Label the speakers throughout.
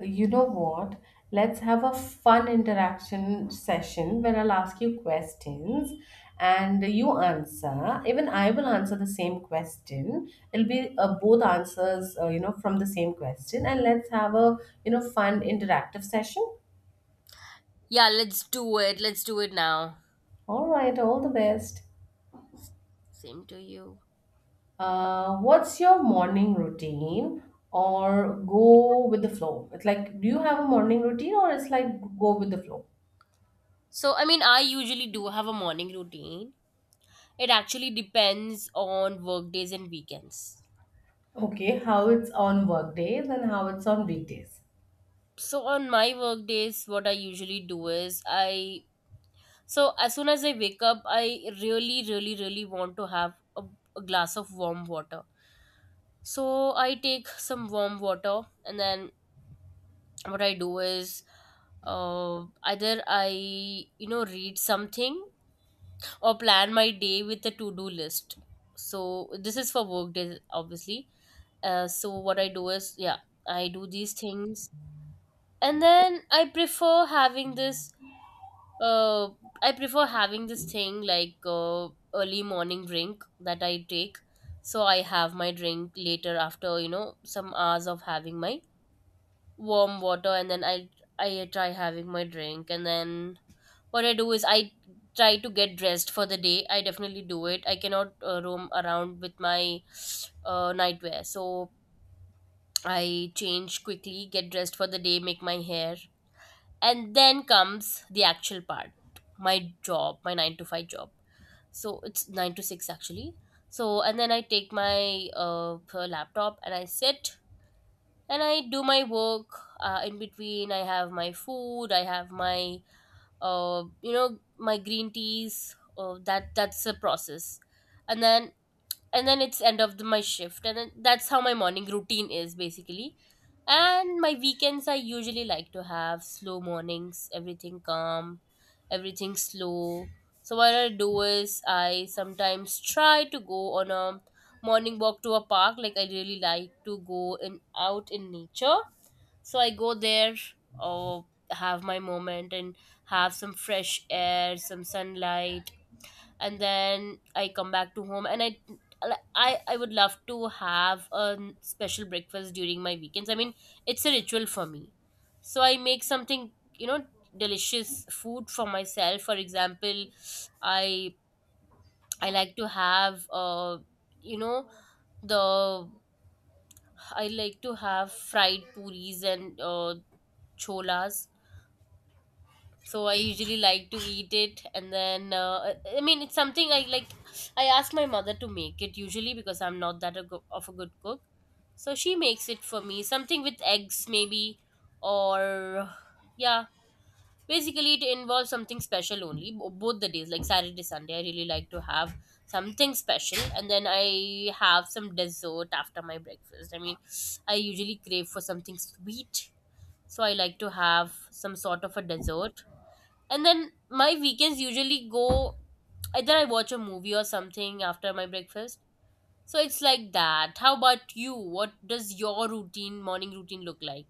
Speaker 1: You know what? Let's have a fun interaction session where I'll ask you questions and you answer. Even I will answer the same question. It'll be both answers, from the same question. And let's have a fun interactive session.
Speaker 2: Yeah, let's do it. Let's do it now.
Speaker 1: All right, all the best.
Speaker 2: Same to you.
Speaker 1: What's your morning routine or go with the flow? It's like, do you have a morning routine or it's like go with the flow?
Speaker 2: I usually do have a morning routine. It actually depends on work days and weekends.
Speaker 1: Okay, how it's on work days and how it's on weekdays.
Speaker 2: So on my work days, what I usually do is I. So as soon as I wake up, I really want to have a glass of warm water. So I take some warm water, and then what I do is either I read something or plan my day with a to-do list. So this is for work days, obviously. So what I do is, yeah, I do these things, and then I prefer having this. Uh, I prefer having this thing like early morning drink that I take. So I have my drink later after some hours of having my warm water, and then I try having my drink, and then what I do is I try to get dressed for the day. I definitely do it. I cannot roam around with my nightwear. So I change quickly, get dressed for the day, make my hair. And then comes the actual part, my job, my 9 to 5 job. So it's 9 to 6, actually. So, and then I take my laptop, and I sit and I do my work. In between, I have my food. I have my my green teas. That's a process, and then and then it's end of the, my shift, and then that's how my morning routine is basically. And my weekends, I usually like to have slow mornings. Everything calm, everything slow. So what I do is I sometimes try to go on a morning walk to a park. Like, I really like to go in out in nature, so I go there or have my moment and have some fresh air, some sunlight, and then I come back to home, and I like, I would love to have a special breakfast during my weekends. I mean, it's a ritual for me. So I make something, you know, delicious food for myself. For example, I I like to have you know the I like to have fried puris and cholas. So I usually like to eat it, and then I mean, it's something I like. I ask my mother to make it usually because I'm not that of a good cook, so she makes it for me, something with eggs maybe, or yeah. Basically, it involves something special only both the days, like Saturday, Sunday, I really like to have something special, and then I have some dessert after my breakfast. I mean, I usually crave for something sweet, so I like to have some sort of a dessert. And then my weekends usually go, either I watch a movie or something after my breakfast. So it's like that. How about you? What does your routine, morning routine look like?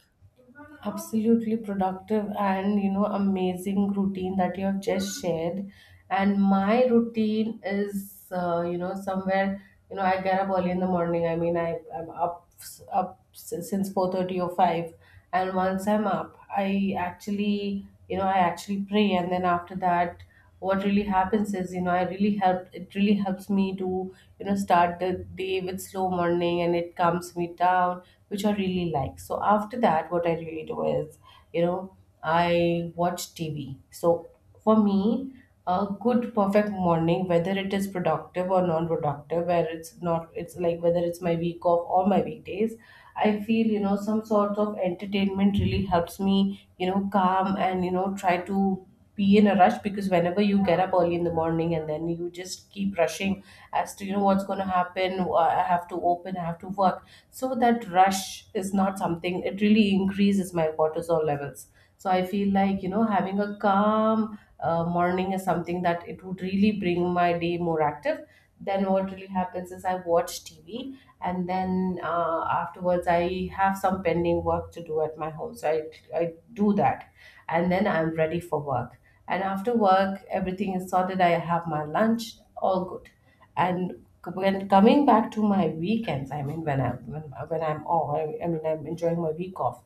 Speaker 1: Absolutely productive and amazing routine that you have just shared. And my routine is somewhere. I get up early in the morning. I mean, I'm up since 4:30 or five, and once I'm up, I actually pray. And then after that, what really happens is, I really helped it really helps me to start the day with slow morning, and it calms me down, which I really like. So after that, what I really do is, you know I watch TV. So for me, a good perfect morning, whether it is productive or non-productive, where it's not, it's like whether it's my week off or my weekdays, I feel some sort of entertainment really helps me, calm, and try to be in a rush. Because whenever you get up early in the morning and then you just keep rushing as to what's going to happen. I have to work. So that rush is not something. It really increases my cortisol levels. So I feel like, having a calm morning is something that it would really bring my day more active. Then what really happens is I watch TV, and then afterwards I have some pending work to do at my home. So I do that, and then I'm ready for work. And after work, everything is sorted. I have my lunch, all good. And when coming back to my weekends, I mean, when I'm off, I mean, I'm enjoying my week off.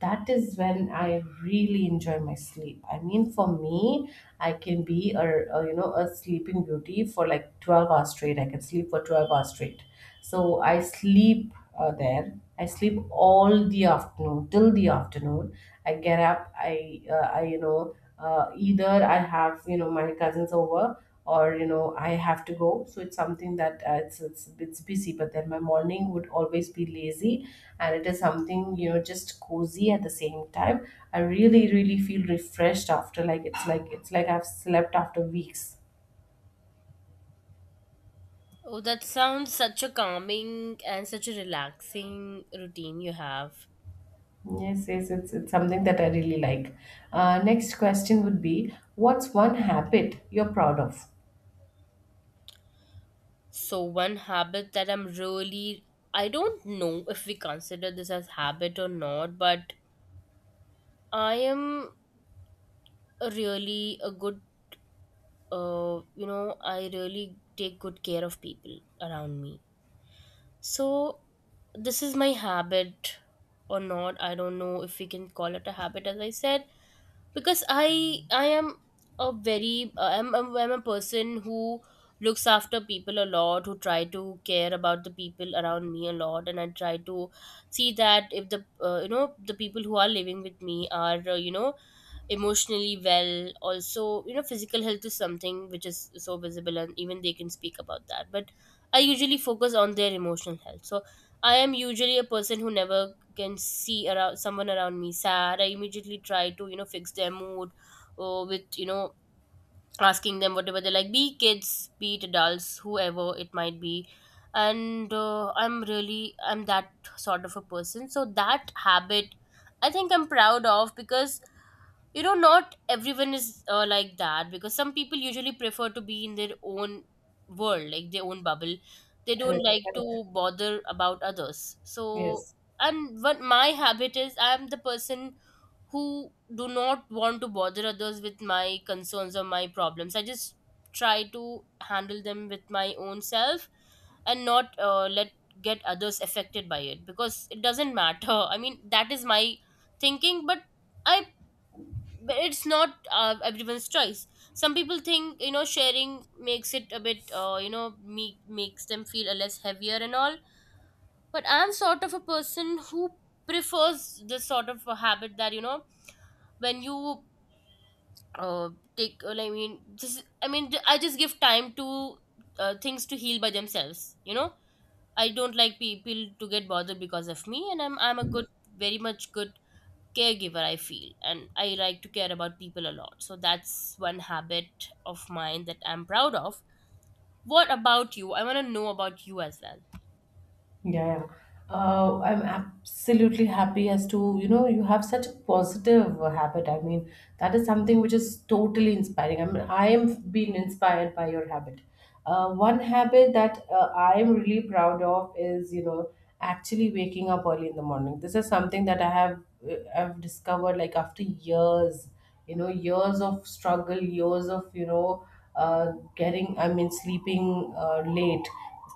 Speaker 1: That is when I really enjoy my sleep. I mean, for me, I can be a a sleeping beauty for like 12 hours straight. I can sleep for 12 hours straight. So I sleep there. I sleep all the afternoon till the afternoon. I get up. I you know Either I have my cousins over, or I have to go. So it's something that, it's busy, but then my morning would always be lazy, and it is something, just cozy at the same time. I really really feel refreshed, after like, it's like I've slept after weeks.
Speaker 2: Oh, that sounds such a calming and such a relaxing routine you have.
Speaker 1: Yes, yes, it's something that I really like. Next question would be, what's one habit you're proud of?
Speaker 2: So one habit that I'm really, I don't know if we consider this as habit or not, but I am a really a good I really take good care of people around me. So this is my habit or not. I don't know if we can call it a habit, as I said, because I am a very I'm a person who looks after people a lot, who try to care about the people around me a lot, and I try to see that if the the people who are living with me are emotionally well. Also, physical health is something which is so visible, and even they can speak about that, but I usually focus on their emotional health. So I am usually a person who never can see around someone around me sad. I immediately try to fix their mood, or with asking them whatever they like, be kids, be it adults, whoever it might be. And I'm that sort of a person, so that habit I think I'm proud of, because not everyone is like that, because some people usually prefer to be in their own world, like their own bubble. They don't
Speaker 1: Correct,
Speaker 2: like
Speaker 1: correct.
Speaker 2: to bother about others. So
Speaker 1: Yes.
Speaker 2: and what my habit is, I'm the person who do not want to bother others with my concerns or my problems. I just try to handle them with my own self, and not let get others affected by it, because it doesn't matter I mean, that is my thinking, but I but it's not everyone's choice. Some people think sharing makes it a bit makes them feel a less heavier and all, but I'm sort of a person who prefers this sort of a habit, that when you uh, take well, I mean just I mean I just give time to things to heal by themselves, I don't like people to get bothered because of me, and I'm a good, very much good caregiver, I feel, and I like to care about people a lot. So that's one habit of mine that I'm proud of. What about you? I want to know about you as well.
Speaker 1: Yeah, yeah. I'm absolutely happy as to, you have such a positive habit. I mean, that is something which is totally inspiring. I mean, I am being inspired by your habit. One habit that I am really proud of is, actually waking up early in the morning. This is something that I've discovered, like, after years, years of struggle, years of, I mean, sleeping late.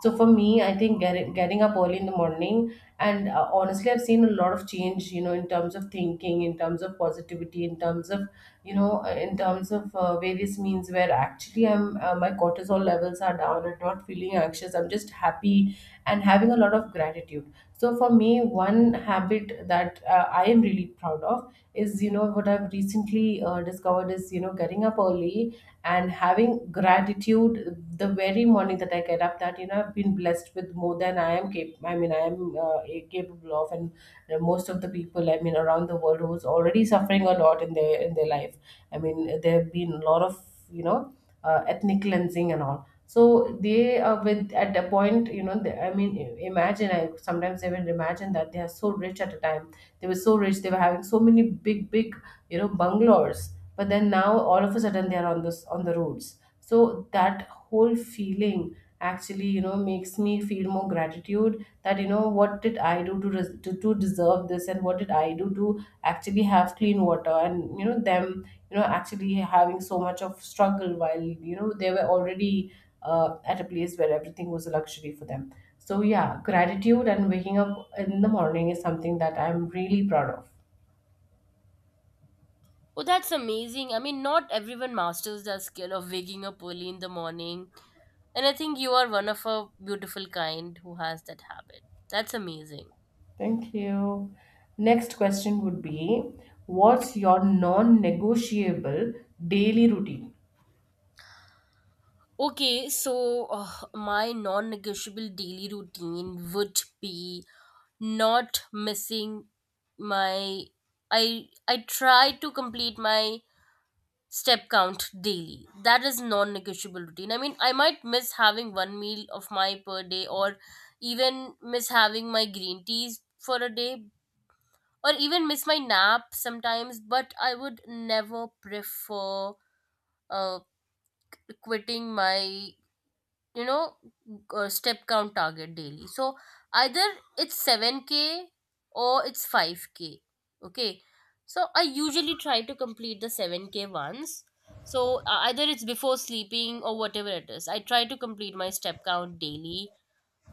Speaker 1: So for me, I think getting up early in the morning. And honestly, I've seen a lot of change, you know, in terms of thinking, in terms of positivity, in terms of, in terms of various means, where actually I'm my cortisol levels are down. I'm not feeling anxious. I'm just happy and having a lot of gratitude. So for me, one habit that I am really proud of is, what I've recently discovered is, getting up early and having gratitude the very morning that I get up, that, I've been blessed with more than I am capable of. And most of the people, I mean, around the world, who's already suffering a lot in their life. I mean, there have been a lot of, you know ethnic cleansing and all. So they are with at the point, I mean, I- imagine I sometimes even imagine that they are so rich at a time. They were so rich. They were having so many big big bungalows. But then now all of a sudden, they are on the roads. So that whole feeling actually, makes me feel more gratitude that, what did I do to, res- to deserve this? And what did I do to actually have clean water, and them actually having so much of struggle, while they were already at a place where everything was a luxury for them. So yeah, gratitude and waking up in the morning is something that I'm really proud of.
Speaker 2: Oh, that's amazing. I mean, not everyone masters the skill of waking up early in the morning, and I think you are one of a beautiful kind who has that habit. That's amazing.
Speaker 1: Thank you. Next question would be, what's your non-negotiable daily routine?
Speaker 2: Okay, so my non negotiable daily routine would be not missing my I try to complete my step count daily. That is non negotiable routine. I mean, I might miss having one meal of my per day, or even miss having my green teas for a day, or even miss my nap sometimes, but I would never prefer uh, quitting my you know step count target daily. So either it's 7k or it's 5k, okay. So I usually try to complete the 7k once. So either it's before sleeping or whatever it is, I try to complete my step count daily,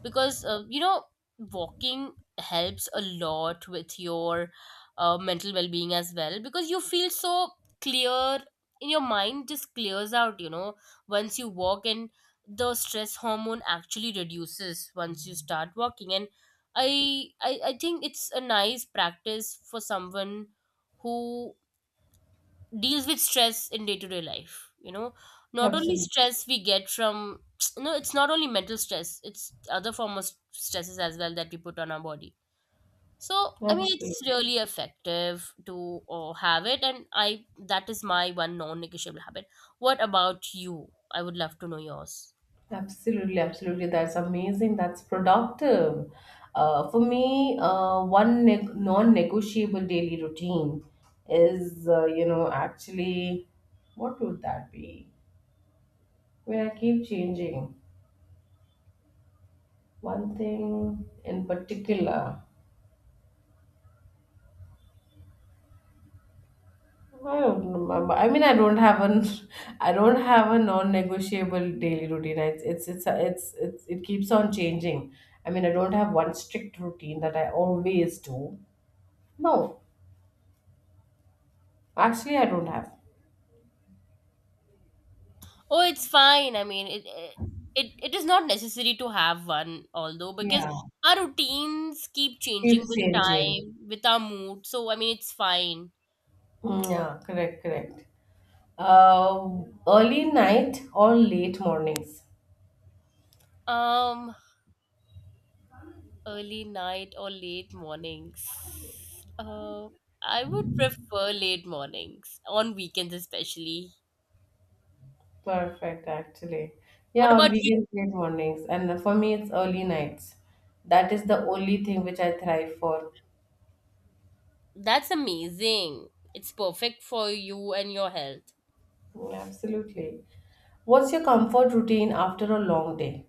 Speaker 2: because walking helps a lot with your mental well-being as well, because you feel so clear in your mind. Just clears out, once you walk, and the stress hormone actually reduces once you start walking. And I think it's a nice practice for someone who deals with stress in day-to-day life. Not only
Speaker 1: Absolutely.
Speaker 2: stress we get from it's not only mental stress, it's other form of stresses as well that we put on our body. So I mean,
Speaker 1: Absolutely,
Speaker 2: it's really effective to have it, and I that is my one non-negotiable habit. What about you? I would love to know yours.
Speaker 1: absolutely, absolutely. That's amazing. That's productive. For me, one ne non-negotiable daily routine is, actually, what would that be? Where I keep changing one thing in particular. I don't remember. I mean, I don't have an, I don't have a non-negotiable daily routine. It keeps on changing. I mean, I don't have one strict routine that I always do. No, actually, I don't have.
Speaker 2: Oh, it's fine. I mean, it is not necessary to have one, although, because
Speaker 1: Yeah,
Speaker 2: our routines keep changing
Speaker 1: keeps
Speaker 2: with
Speaker 1: changing.
Speaker 2: time, with our mood. So I mean, it's fine.
Speaker 1: Mm, yeah, correct, correct. Uh, Early night or late mornings?
Speaker 2: Um, Early night or late mornings? I would prefer late mornings on weekends, especially.
Speaker 1: Perfect, actually. Yeah,
Speaker 2: What
Speaker 1: on
Speaker 2: about
Speaker 1: weekends,
Speaker 2: you?
Speaker 1: late mornings. And for me, it's early nights. That is the only thing which I thrive for.
Speaker 2: That's amazing. It's perfect for you and your health.
Speaker 1: Mm, absolutely. What's your comfort routine after a long day?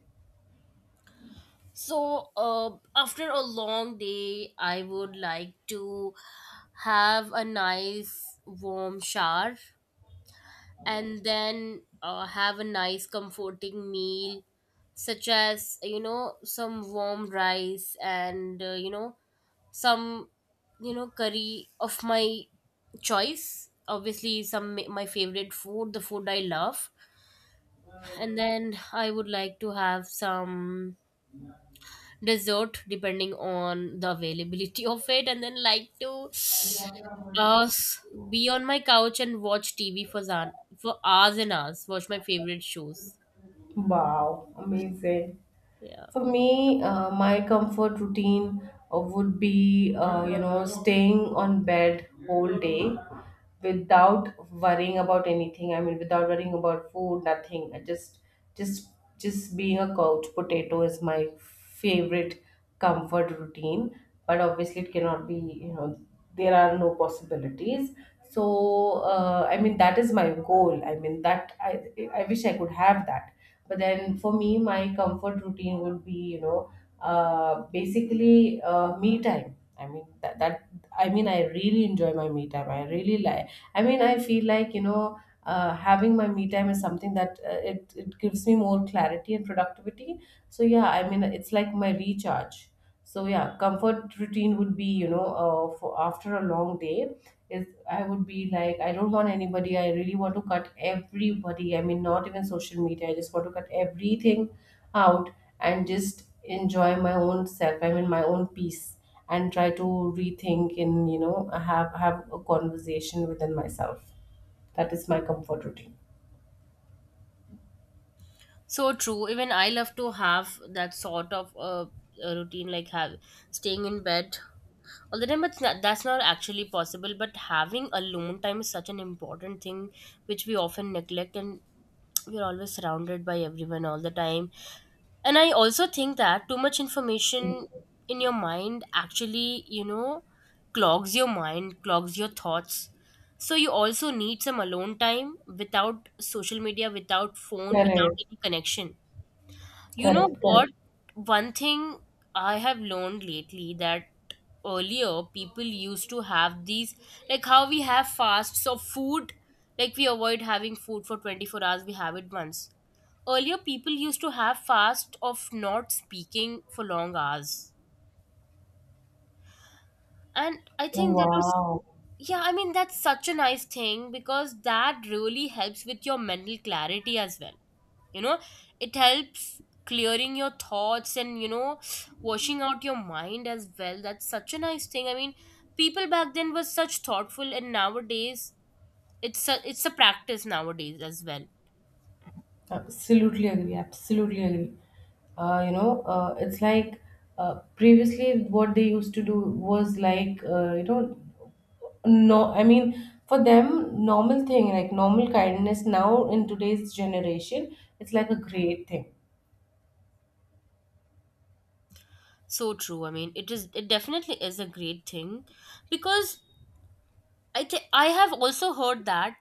Speaker 2: So after a long day, I would like to have a nice warm shower, and then have a nice comforting meal, such as some warm rice and some curry of my choice, obviously, some my favorite food, the food I love. And then I would like to have some dessert, depending on the availability of it, and then like to uh, s- be on my couch and watch TV for zan for hours and hours. Watch my favorite shows.
Speaker 1: Wow, amazing.
Speaker 2: Yeah,
Speaker 1: For me, my comfort routine would be, staying on bed whole day without worrying about anything. I mean, without worrying about food, nothing. Just, just being a couch potato is my favorite comfort routine. But obviously, it cannot be. There are no possibilities. So, I mean, that is my goal. I mean, that I wish I could have that. But then for me, my comfort routine would be, basically, me time. I mean that, that I really enjoy my me time. I really like. I mean, I feel like, having my me time is something that, it gives me more clarity and productivity. So yeah, I mean, it's like my recharge. So yeah, comfort routine would be, for after a long day, is I would be like, I don't want anybody. I really want to cut everybody. I mean, not even social media. I just want to cut everything out and just enjoy my own self. I mean, my own peace, and try to rethink, and have a conversation within myself. That is my comfort routine.
Speaker 2: so true. Even I love to have that sort of a routine, like have staying in bed all the time. But that's not actually possible. But having alone time is such an important thing, which we often neglect, and we're always surrounded by everyone all the time. And I also think that too much information in your mind actually clogs your mind, clogs your thoughts. So you also need some alone time without social media, without phone, without
Speaker 1: Correct.
Speaker 2: any connection. You know
Speaker 1: Correct. Correct.
Speaker 2: what? One thing I have learned lately, that earlier people used to have these, like how we have fasts of food, like we avoid having food for 24 hours, we have it once. Earlier, people used to have fast of not speaking for long hours. And I think that was
Speaker 1: Wow.
Speaker 2: yeah, I mean, that's such a nice thing, because that really helps with your mental clarity as well. You know, it helps clearing your thoughts, and, you know, washing out your mind as well. That's such a nice thing. I mean, people back then were such thoughtful, and nowadays, it's a practice nowadays as well.
Speaker 1: Absolutely agree. Absolutely agree. It's like, previously what they used to do was like, no, I mean, for them, normal thing, like normal kindness, now in today's generation, it's like a great thing.
Speaker 2: So true. I mean, it definitely is a great thing because I think I have also heard that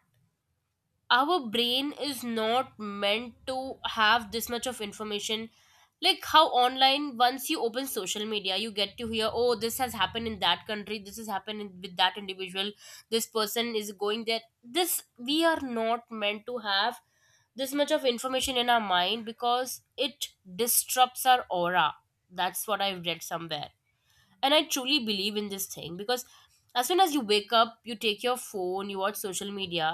Speaker 2: our brain is not meant to have this much of information, like how online, once you open social media you get to hear, oh, this has happened in that country, this has happened with that individual, this person is going there. This, we are not meant to have this much of information in our mind because it disrupts our aura. That's what I've read somewhere, and I truly believe in this thing because as soon as you wake up, you take your phone, you watch social media,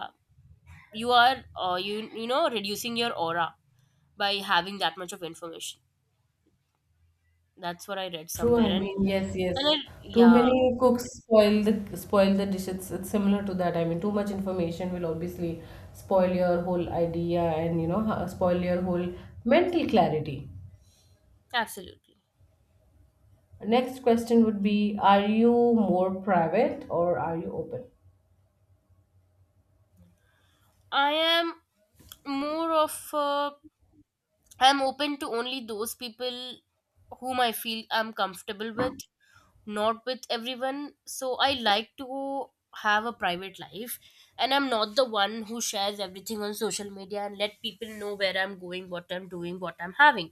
Speaker 2: you are you know, reducing your aura by having that much of information. That's what I read
Speaker 1: True,
Speaker 2: somewhere.
Speaker 1: I mean, yes,
Speaker 2: And I,
Speaker 1: yes. Too
Speaker 2: yeah
Speaker 1: many cooks spoil the dish. It's similar to that. I mean, too much information will obviously spoil your whole idea, and spoil your whole mental clarity.
Speaker 2: Absolutely.
Speaker 1: Next question would be, are you more private or are you open?
Speaker 2: I am more of I'm open to only those people whom I feel I'm comfortable with, not with everyone. So I like to have a private life, and I'm not the one who shares everything on social media and let people know where I'm going, what I'm doing, what I'm having.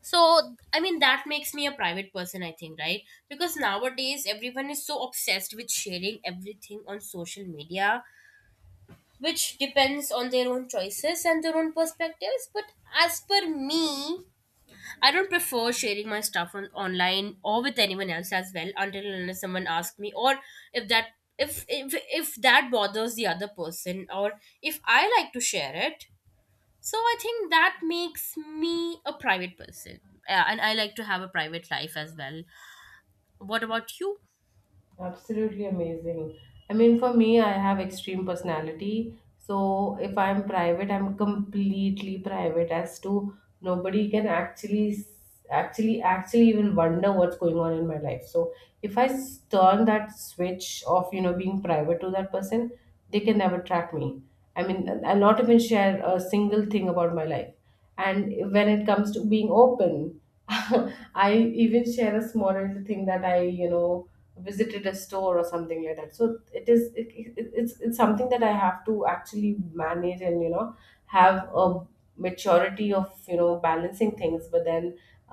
Speaker 2: So I mean, that makes me a private person, I think, right? Because nowadays everyone is so obsessed with sharing everything on social media, which depends on their own choices and their own perspectives. But as per me, I don't prefer sharing my stuff on online or with anyone else as well, until and unless someone asks me, or if that if that bothers the other person, or if I like to share it. So I think that makes me a private person. Yeah, and I like to have a private life as well. What about you?
Speaker 1: Absolutely amazing. I mean, for me, I have extreme personality. So if I'm private, I'm completely private as to nobody can actually even wonder what's going on in my life. So if I turn that switch of, being private to that person, they can never track me. I mean, I'll not even share a single thing about my life. And when it comes to being open I even share a small little thing that I visited a store or something like that. So it is it, it, it's something that I have to actually manage, and have a maturity of balancing things. But then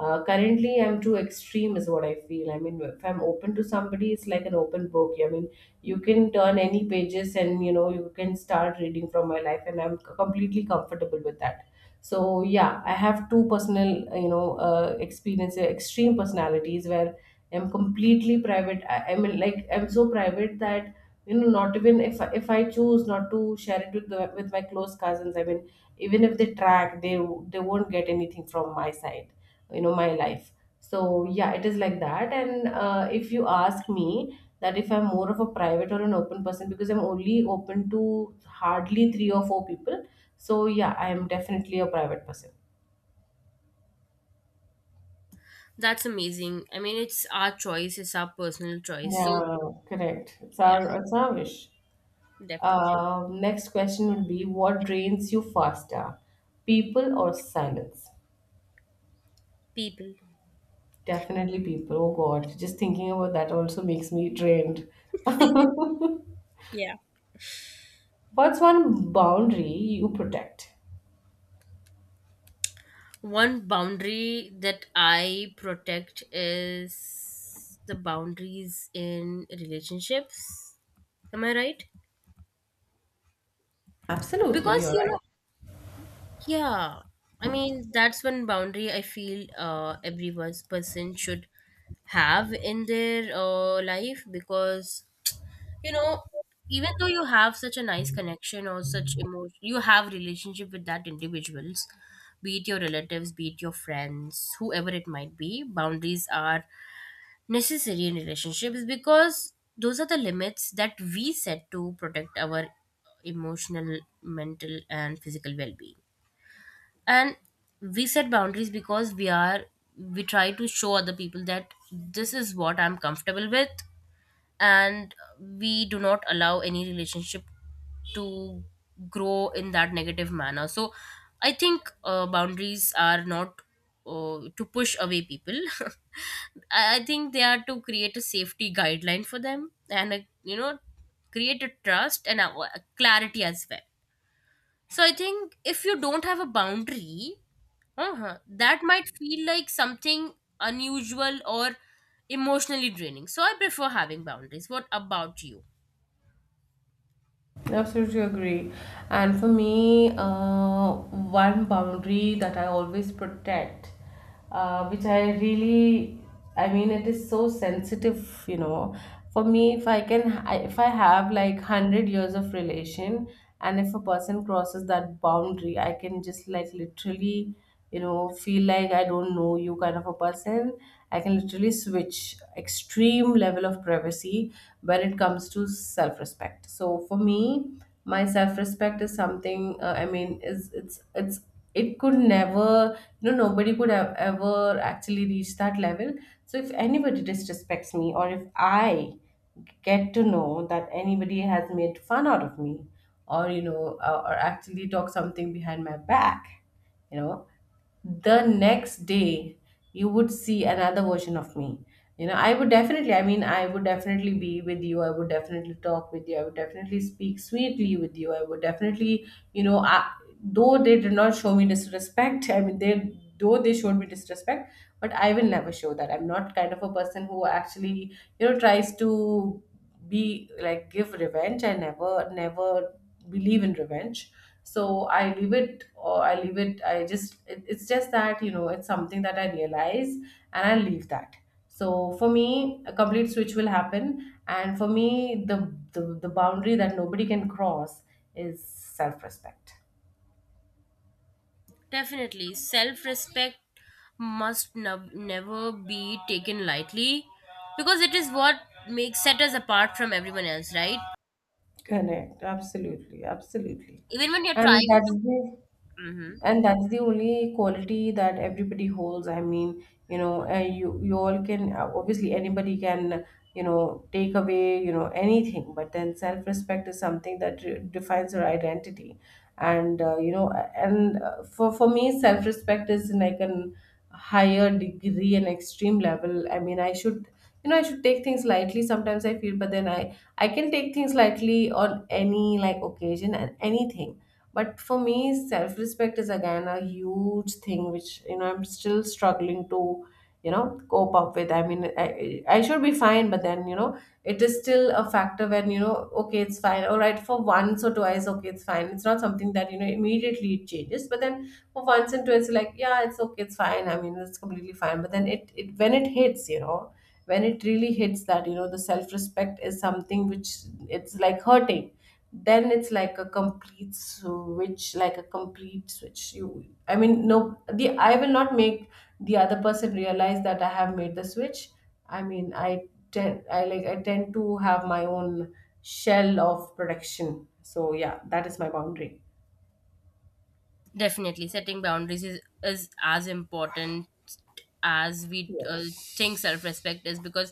Speaker 1: currently I'm too extreme is what I feel. I mean, if I'm open to somebody, it's like an open book. I mean, you can turn any pages and you know you can start reading from my life, and I'm completely comfortable with that. So yeah, I have two personal, experience, extreme personalities where I'm completely private. I mean, like, I'm so private that you know not even if I choose not to share it with with my close cousins, I mean even if they track, they won't get anything from my side, you know, my life. So yeah, it is like that. And if you ask me that, if I'm more of a private or an open person, because I'm only open to hardly three or four people. So yeah, I am definitely a private person.
Speaker 2: That's amazing. I mean, it's our choice, it's our personal choice. So,
Speaker 1: Yeah, correct, it's
Speaker 2: yeah,
Speaker 1: our wish.
Speaker 2: definitely.
Speaker 1: Next question would be, what drains you faster, people or silence?
Speaker 2: People.
Speaker 1: Definitely people. Oh god, just thinking about that also makes me drained.
Speaker 2: Yeah.
Speaker 1: What's one boundary you protect?
Speaker 2: One boundary that I protect is the boundaries in relationships. Am I right?
Speaker 1: Absolutely,
Speaker 2: Because,
Speaker 1: you're
Speaker 2: you
Speaker 1: right.
Speaker 2: know, yeah, I mean, that's one boundary I feel every one's person should have in their life, because, you know, even though you have such a nice connection or such emotion, you have relationship with that individuals, be it your relatives, be it your friends, whoever it might be. Boundaries are necessary in relationships because those are the limits that we set to protect our emotional, mental, and physical well-being, and we set boundaries because we are, we try to show other people that this is what I'm comfortable with, and we do not allow any relationship to grow in that negative manner. So I think boundaries are not to push away people. I think they are to create a safety guideline for them, and a, you know, create a trust and a clarity as well. So I think if you don't have a boundary, uh-huh, that might feel like something unusual or emotionally draining. So I prefer having boundaries. What about you?
Speaker 1: I absolutely agree. And for me, one boundary that I always protect, which I really, I mean, it is so sensitive, you know. For me, if I can, if I have like 100 years of relation, and if a person crosses that boundary, I can just like literally, you know, feel like I don't know you kind of a person. I can literally switch extreme level of privacy when it comes to self respect. So for me, my self respect is something, I mean, is it's, it could never, you know, nobody could have ever actually reach that level. So if anybody disrespects me, or if I get to know that anybody has made fun out of me, or or actually talk something behind my back, you know, the next day you would see another version of me. You know, I would definitely, I mean, I would definitely be with you, I would definitely talk with you, I would definitely speak sweetly with you, I would definitely, you know I, though they did not show me disrespect, I mean, they, though they showed me disrespect, but I will never show that. I'm not kind of a person who actually, you know, tries to be like give revenge. I never, never believe in revenge. So I leave it, or I leave it. I just, it's just that, you know, it's something that I realize and I leave that. So for me, a complete switch will happen. And for me, the boundary that nobody can cross is self-respect.
Speaker 2: Definitely, self respect must never be taken lightly because it is what makes set us apart from everyone else, right?
Speaker 1: Correct, absolutely, absolutely.
Speaker 2: Even when you're
Speaker 1: and
Speaker 2: trying
Speaker 1: that's
Speaker 2: to.
Speaker 1: the
Speaker 2: Mhm.
Speaker 1: and that's the only quality that everybody holds. I mean, you know, you all can, obviously anybody can, you know, take away, you know, anything. But then self respect is something that re- defines your identity. And you know, and for me self respect is like an higher degree and extreme level. I mean, I should, you know, I should take things lightly sometimes, I feel. But then I can take things lightly on any like occasion and anything. But for me, self respect is again a huge thing, which, you know, I'm still struggling to, you know, cope up with. I mean, I should be fine, but then, you know, it is still a factor. When, you know, okay, it's fine, all right, for once or twice, okay, it's fine. It's not something that, you know, immediately it changes. But then for once and twice, like, yeah, it's okay, it's fine. I mean, it's completely fine. But then it, when it hits, you know, when it really hits, that you know the self respect is something which it's like hurting, then it's like a complete switch, like a complete switch. You i mean, no the I will not make the other person realize that I have made the switch. I mean, I tend to have my own shell of protection. So yeah, that is my boundary.
Speaker 2: Definitely, setting boundaries is as important as we
Speaker 1: Yes.
Speaker 2: think self respect is, because,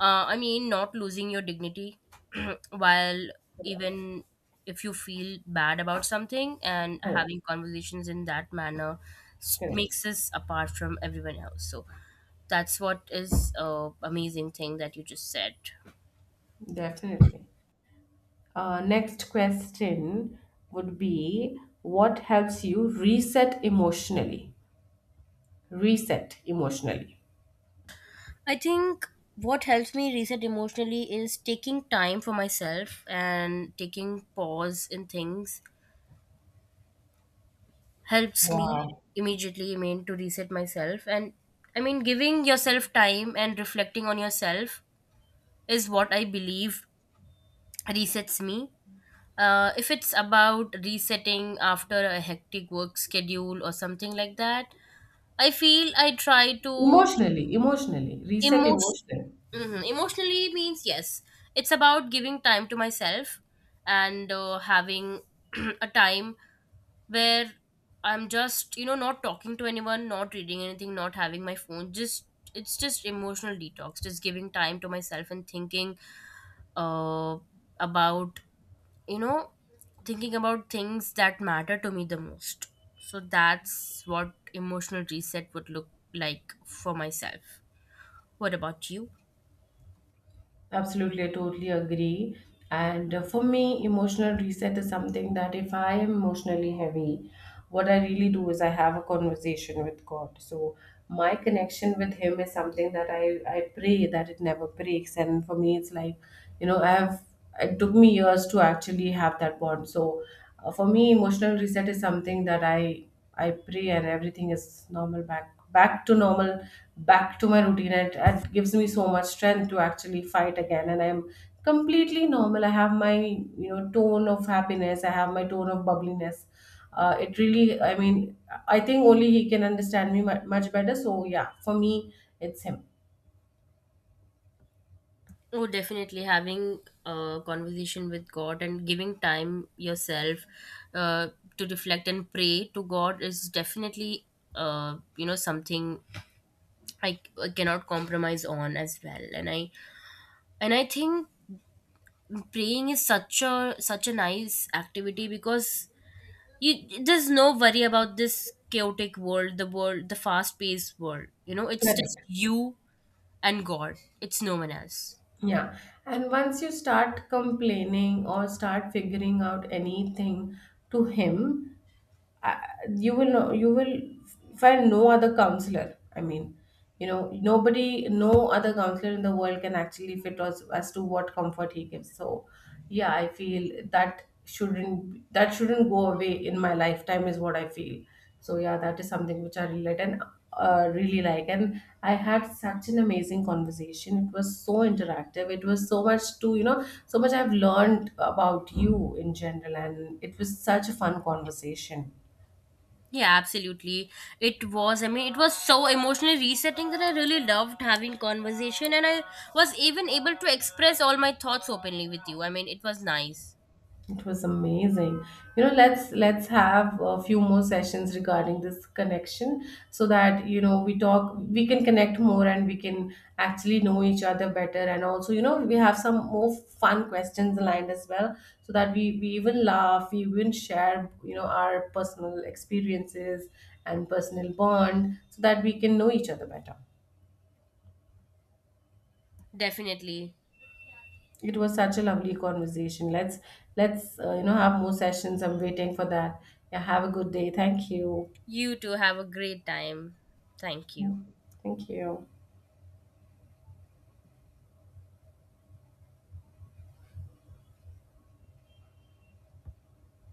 Speaker 2: I mean, not losing your dignity while
Speaker 1: Correct,
Speaker 2: even if you feel bad about something and
Speaker 1: correct,
Speaker 2: having conversations in that manner
Speaker 1: correct.
Speaker 2: makes us apart from everyone else. So that's what is amazing thing that you just said.
Speaker 1: Definitely. Next question would be, what helps you reset emotionally? Reset emotionally.
Speaker 2: I think what helps me reset emotionally is taking time for myself, and taking pause in things helps me
Speaker 1: Wow.
Speaker 2: immediately, I mean, to reset myself. And I mean, giving yourself time and reflecting on yourself is what I believe resets me. If it's about resetting after a hectic work schedule or something like that, I feel I try to
Speaker 1: Emotionally, emotionally, reset
Speaker 2: emotion,
Speaker 1: emotionally.
Speaker 2: hmm. Emotionally means yes. It's about giving time to myself and having a time where I'm just, you know, not talking to anyone, not reading anything, not having my phone. Just, it's just emotional detox, just giving time to myself and thinking uh, about, you know, thinking about things that matter to me the most. So that's what emotional reset would look like for myself. What about you?
Speaker 1: Absolutely, I totally agree. And for me, emotional reset is something that if I am emotionally heavy, what I really do is I have a conversation with God. So my connection with Him is something that I pray that it never breaks. And for me, it's like, you know, I've it took me years to actually have that bond. So for me, emotional reset is something that I pray, and everything is normal, back to normal, back to my routine. And it gives me so much strength to actually fight again. And I'm completely normal. I have my you know tone of happiness, I have my tone of bubbliness. It really, I mean, I think only He can understand me mu- much better. So yeah, for me, it's Him.
Speaker 2: Oh, definitely having a conversation with God and giving time yourself uh, to reflect and pray to God is definitely, you know, something I cannot compromise on as well. And I, and I think praying is such a such a nice activity because you, there's no worry about this chaotic world, the fast paced world. You know, it's just
Speaker 1: Correct.
Speaker 2: you and God. It's no one else.
Speaker 1: Yeah. And once you start complaining or start figuring out anything to Him, I, you will know, you will find no other counselor. I mean, you know, nobody, no other counselor in the world can actually fit us as to what comfort He gives. So yeah, I feel that shouldn't go away in my lifetime is what I feel. So yeah, that is something which I relate and really like. And I had such an amazing conversation. It was so interactive, it was so much to, you know, so much I've learned about you in general, and it was such a fun conversation.
Speaker 2: Yeah, absolutely. It was, I mean, it was so emotionally resetting that I really loved having conversation, and I was even able to express all my thoughts openly with you. I mean, it was nice.
Speaker 1: It was amazing. You know, let's have a few more sessions regarding this connection, so that you know we talk, we can connect more, and we can actually know each other better. And also, you know, we have some more fun questions aligned as well, so that we even laugh, we even share, you know, our personal experiences and personal bond, so that we can know each other better.
Speaker 2: Definitely.
Speaker 1: It was such a lovely conversation. Let's, you know, have more sessions. I'm waiting for that. Yeah, have a good day. Thank you.
Speaker 2: You too have a great time. Thank you.
Speaker 1: Thank you.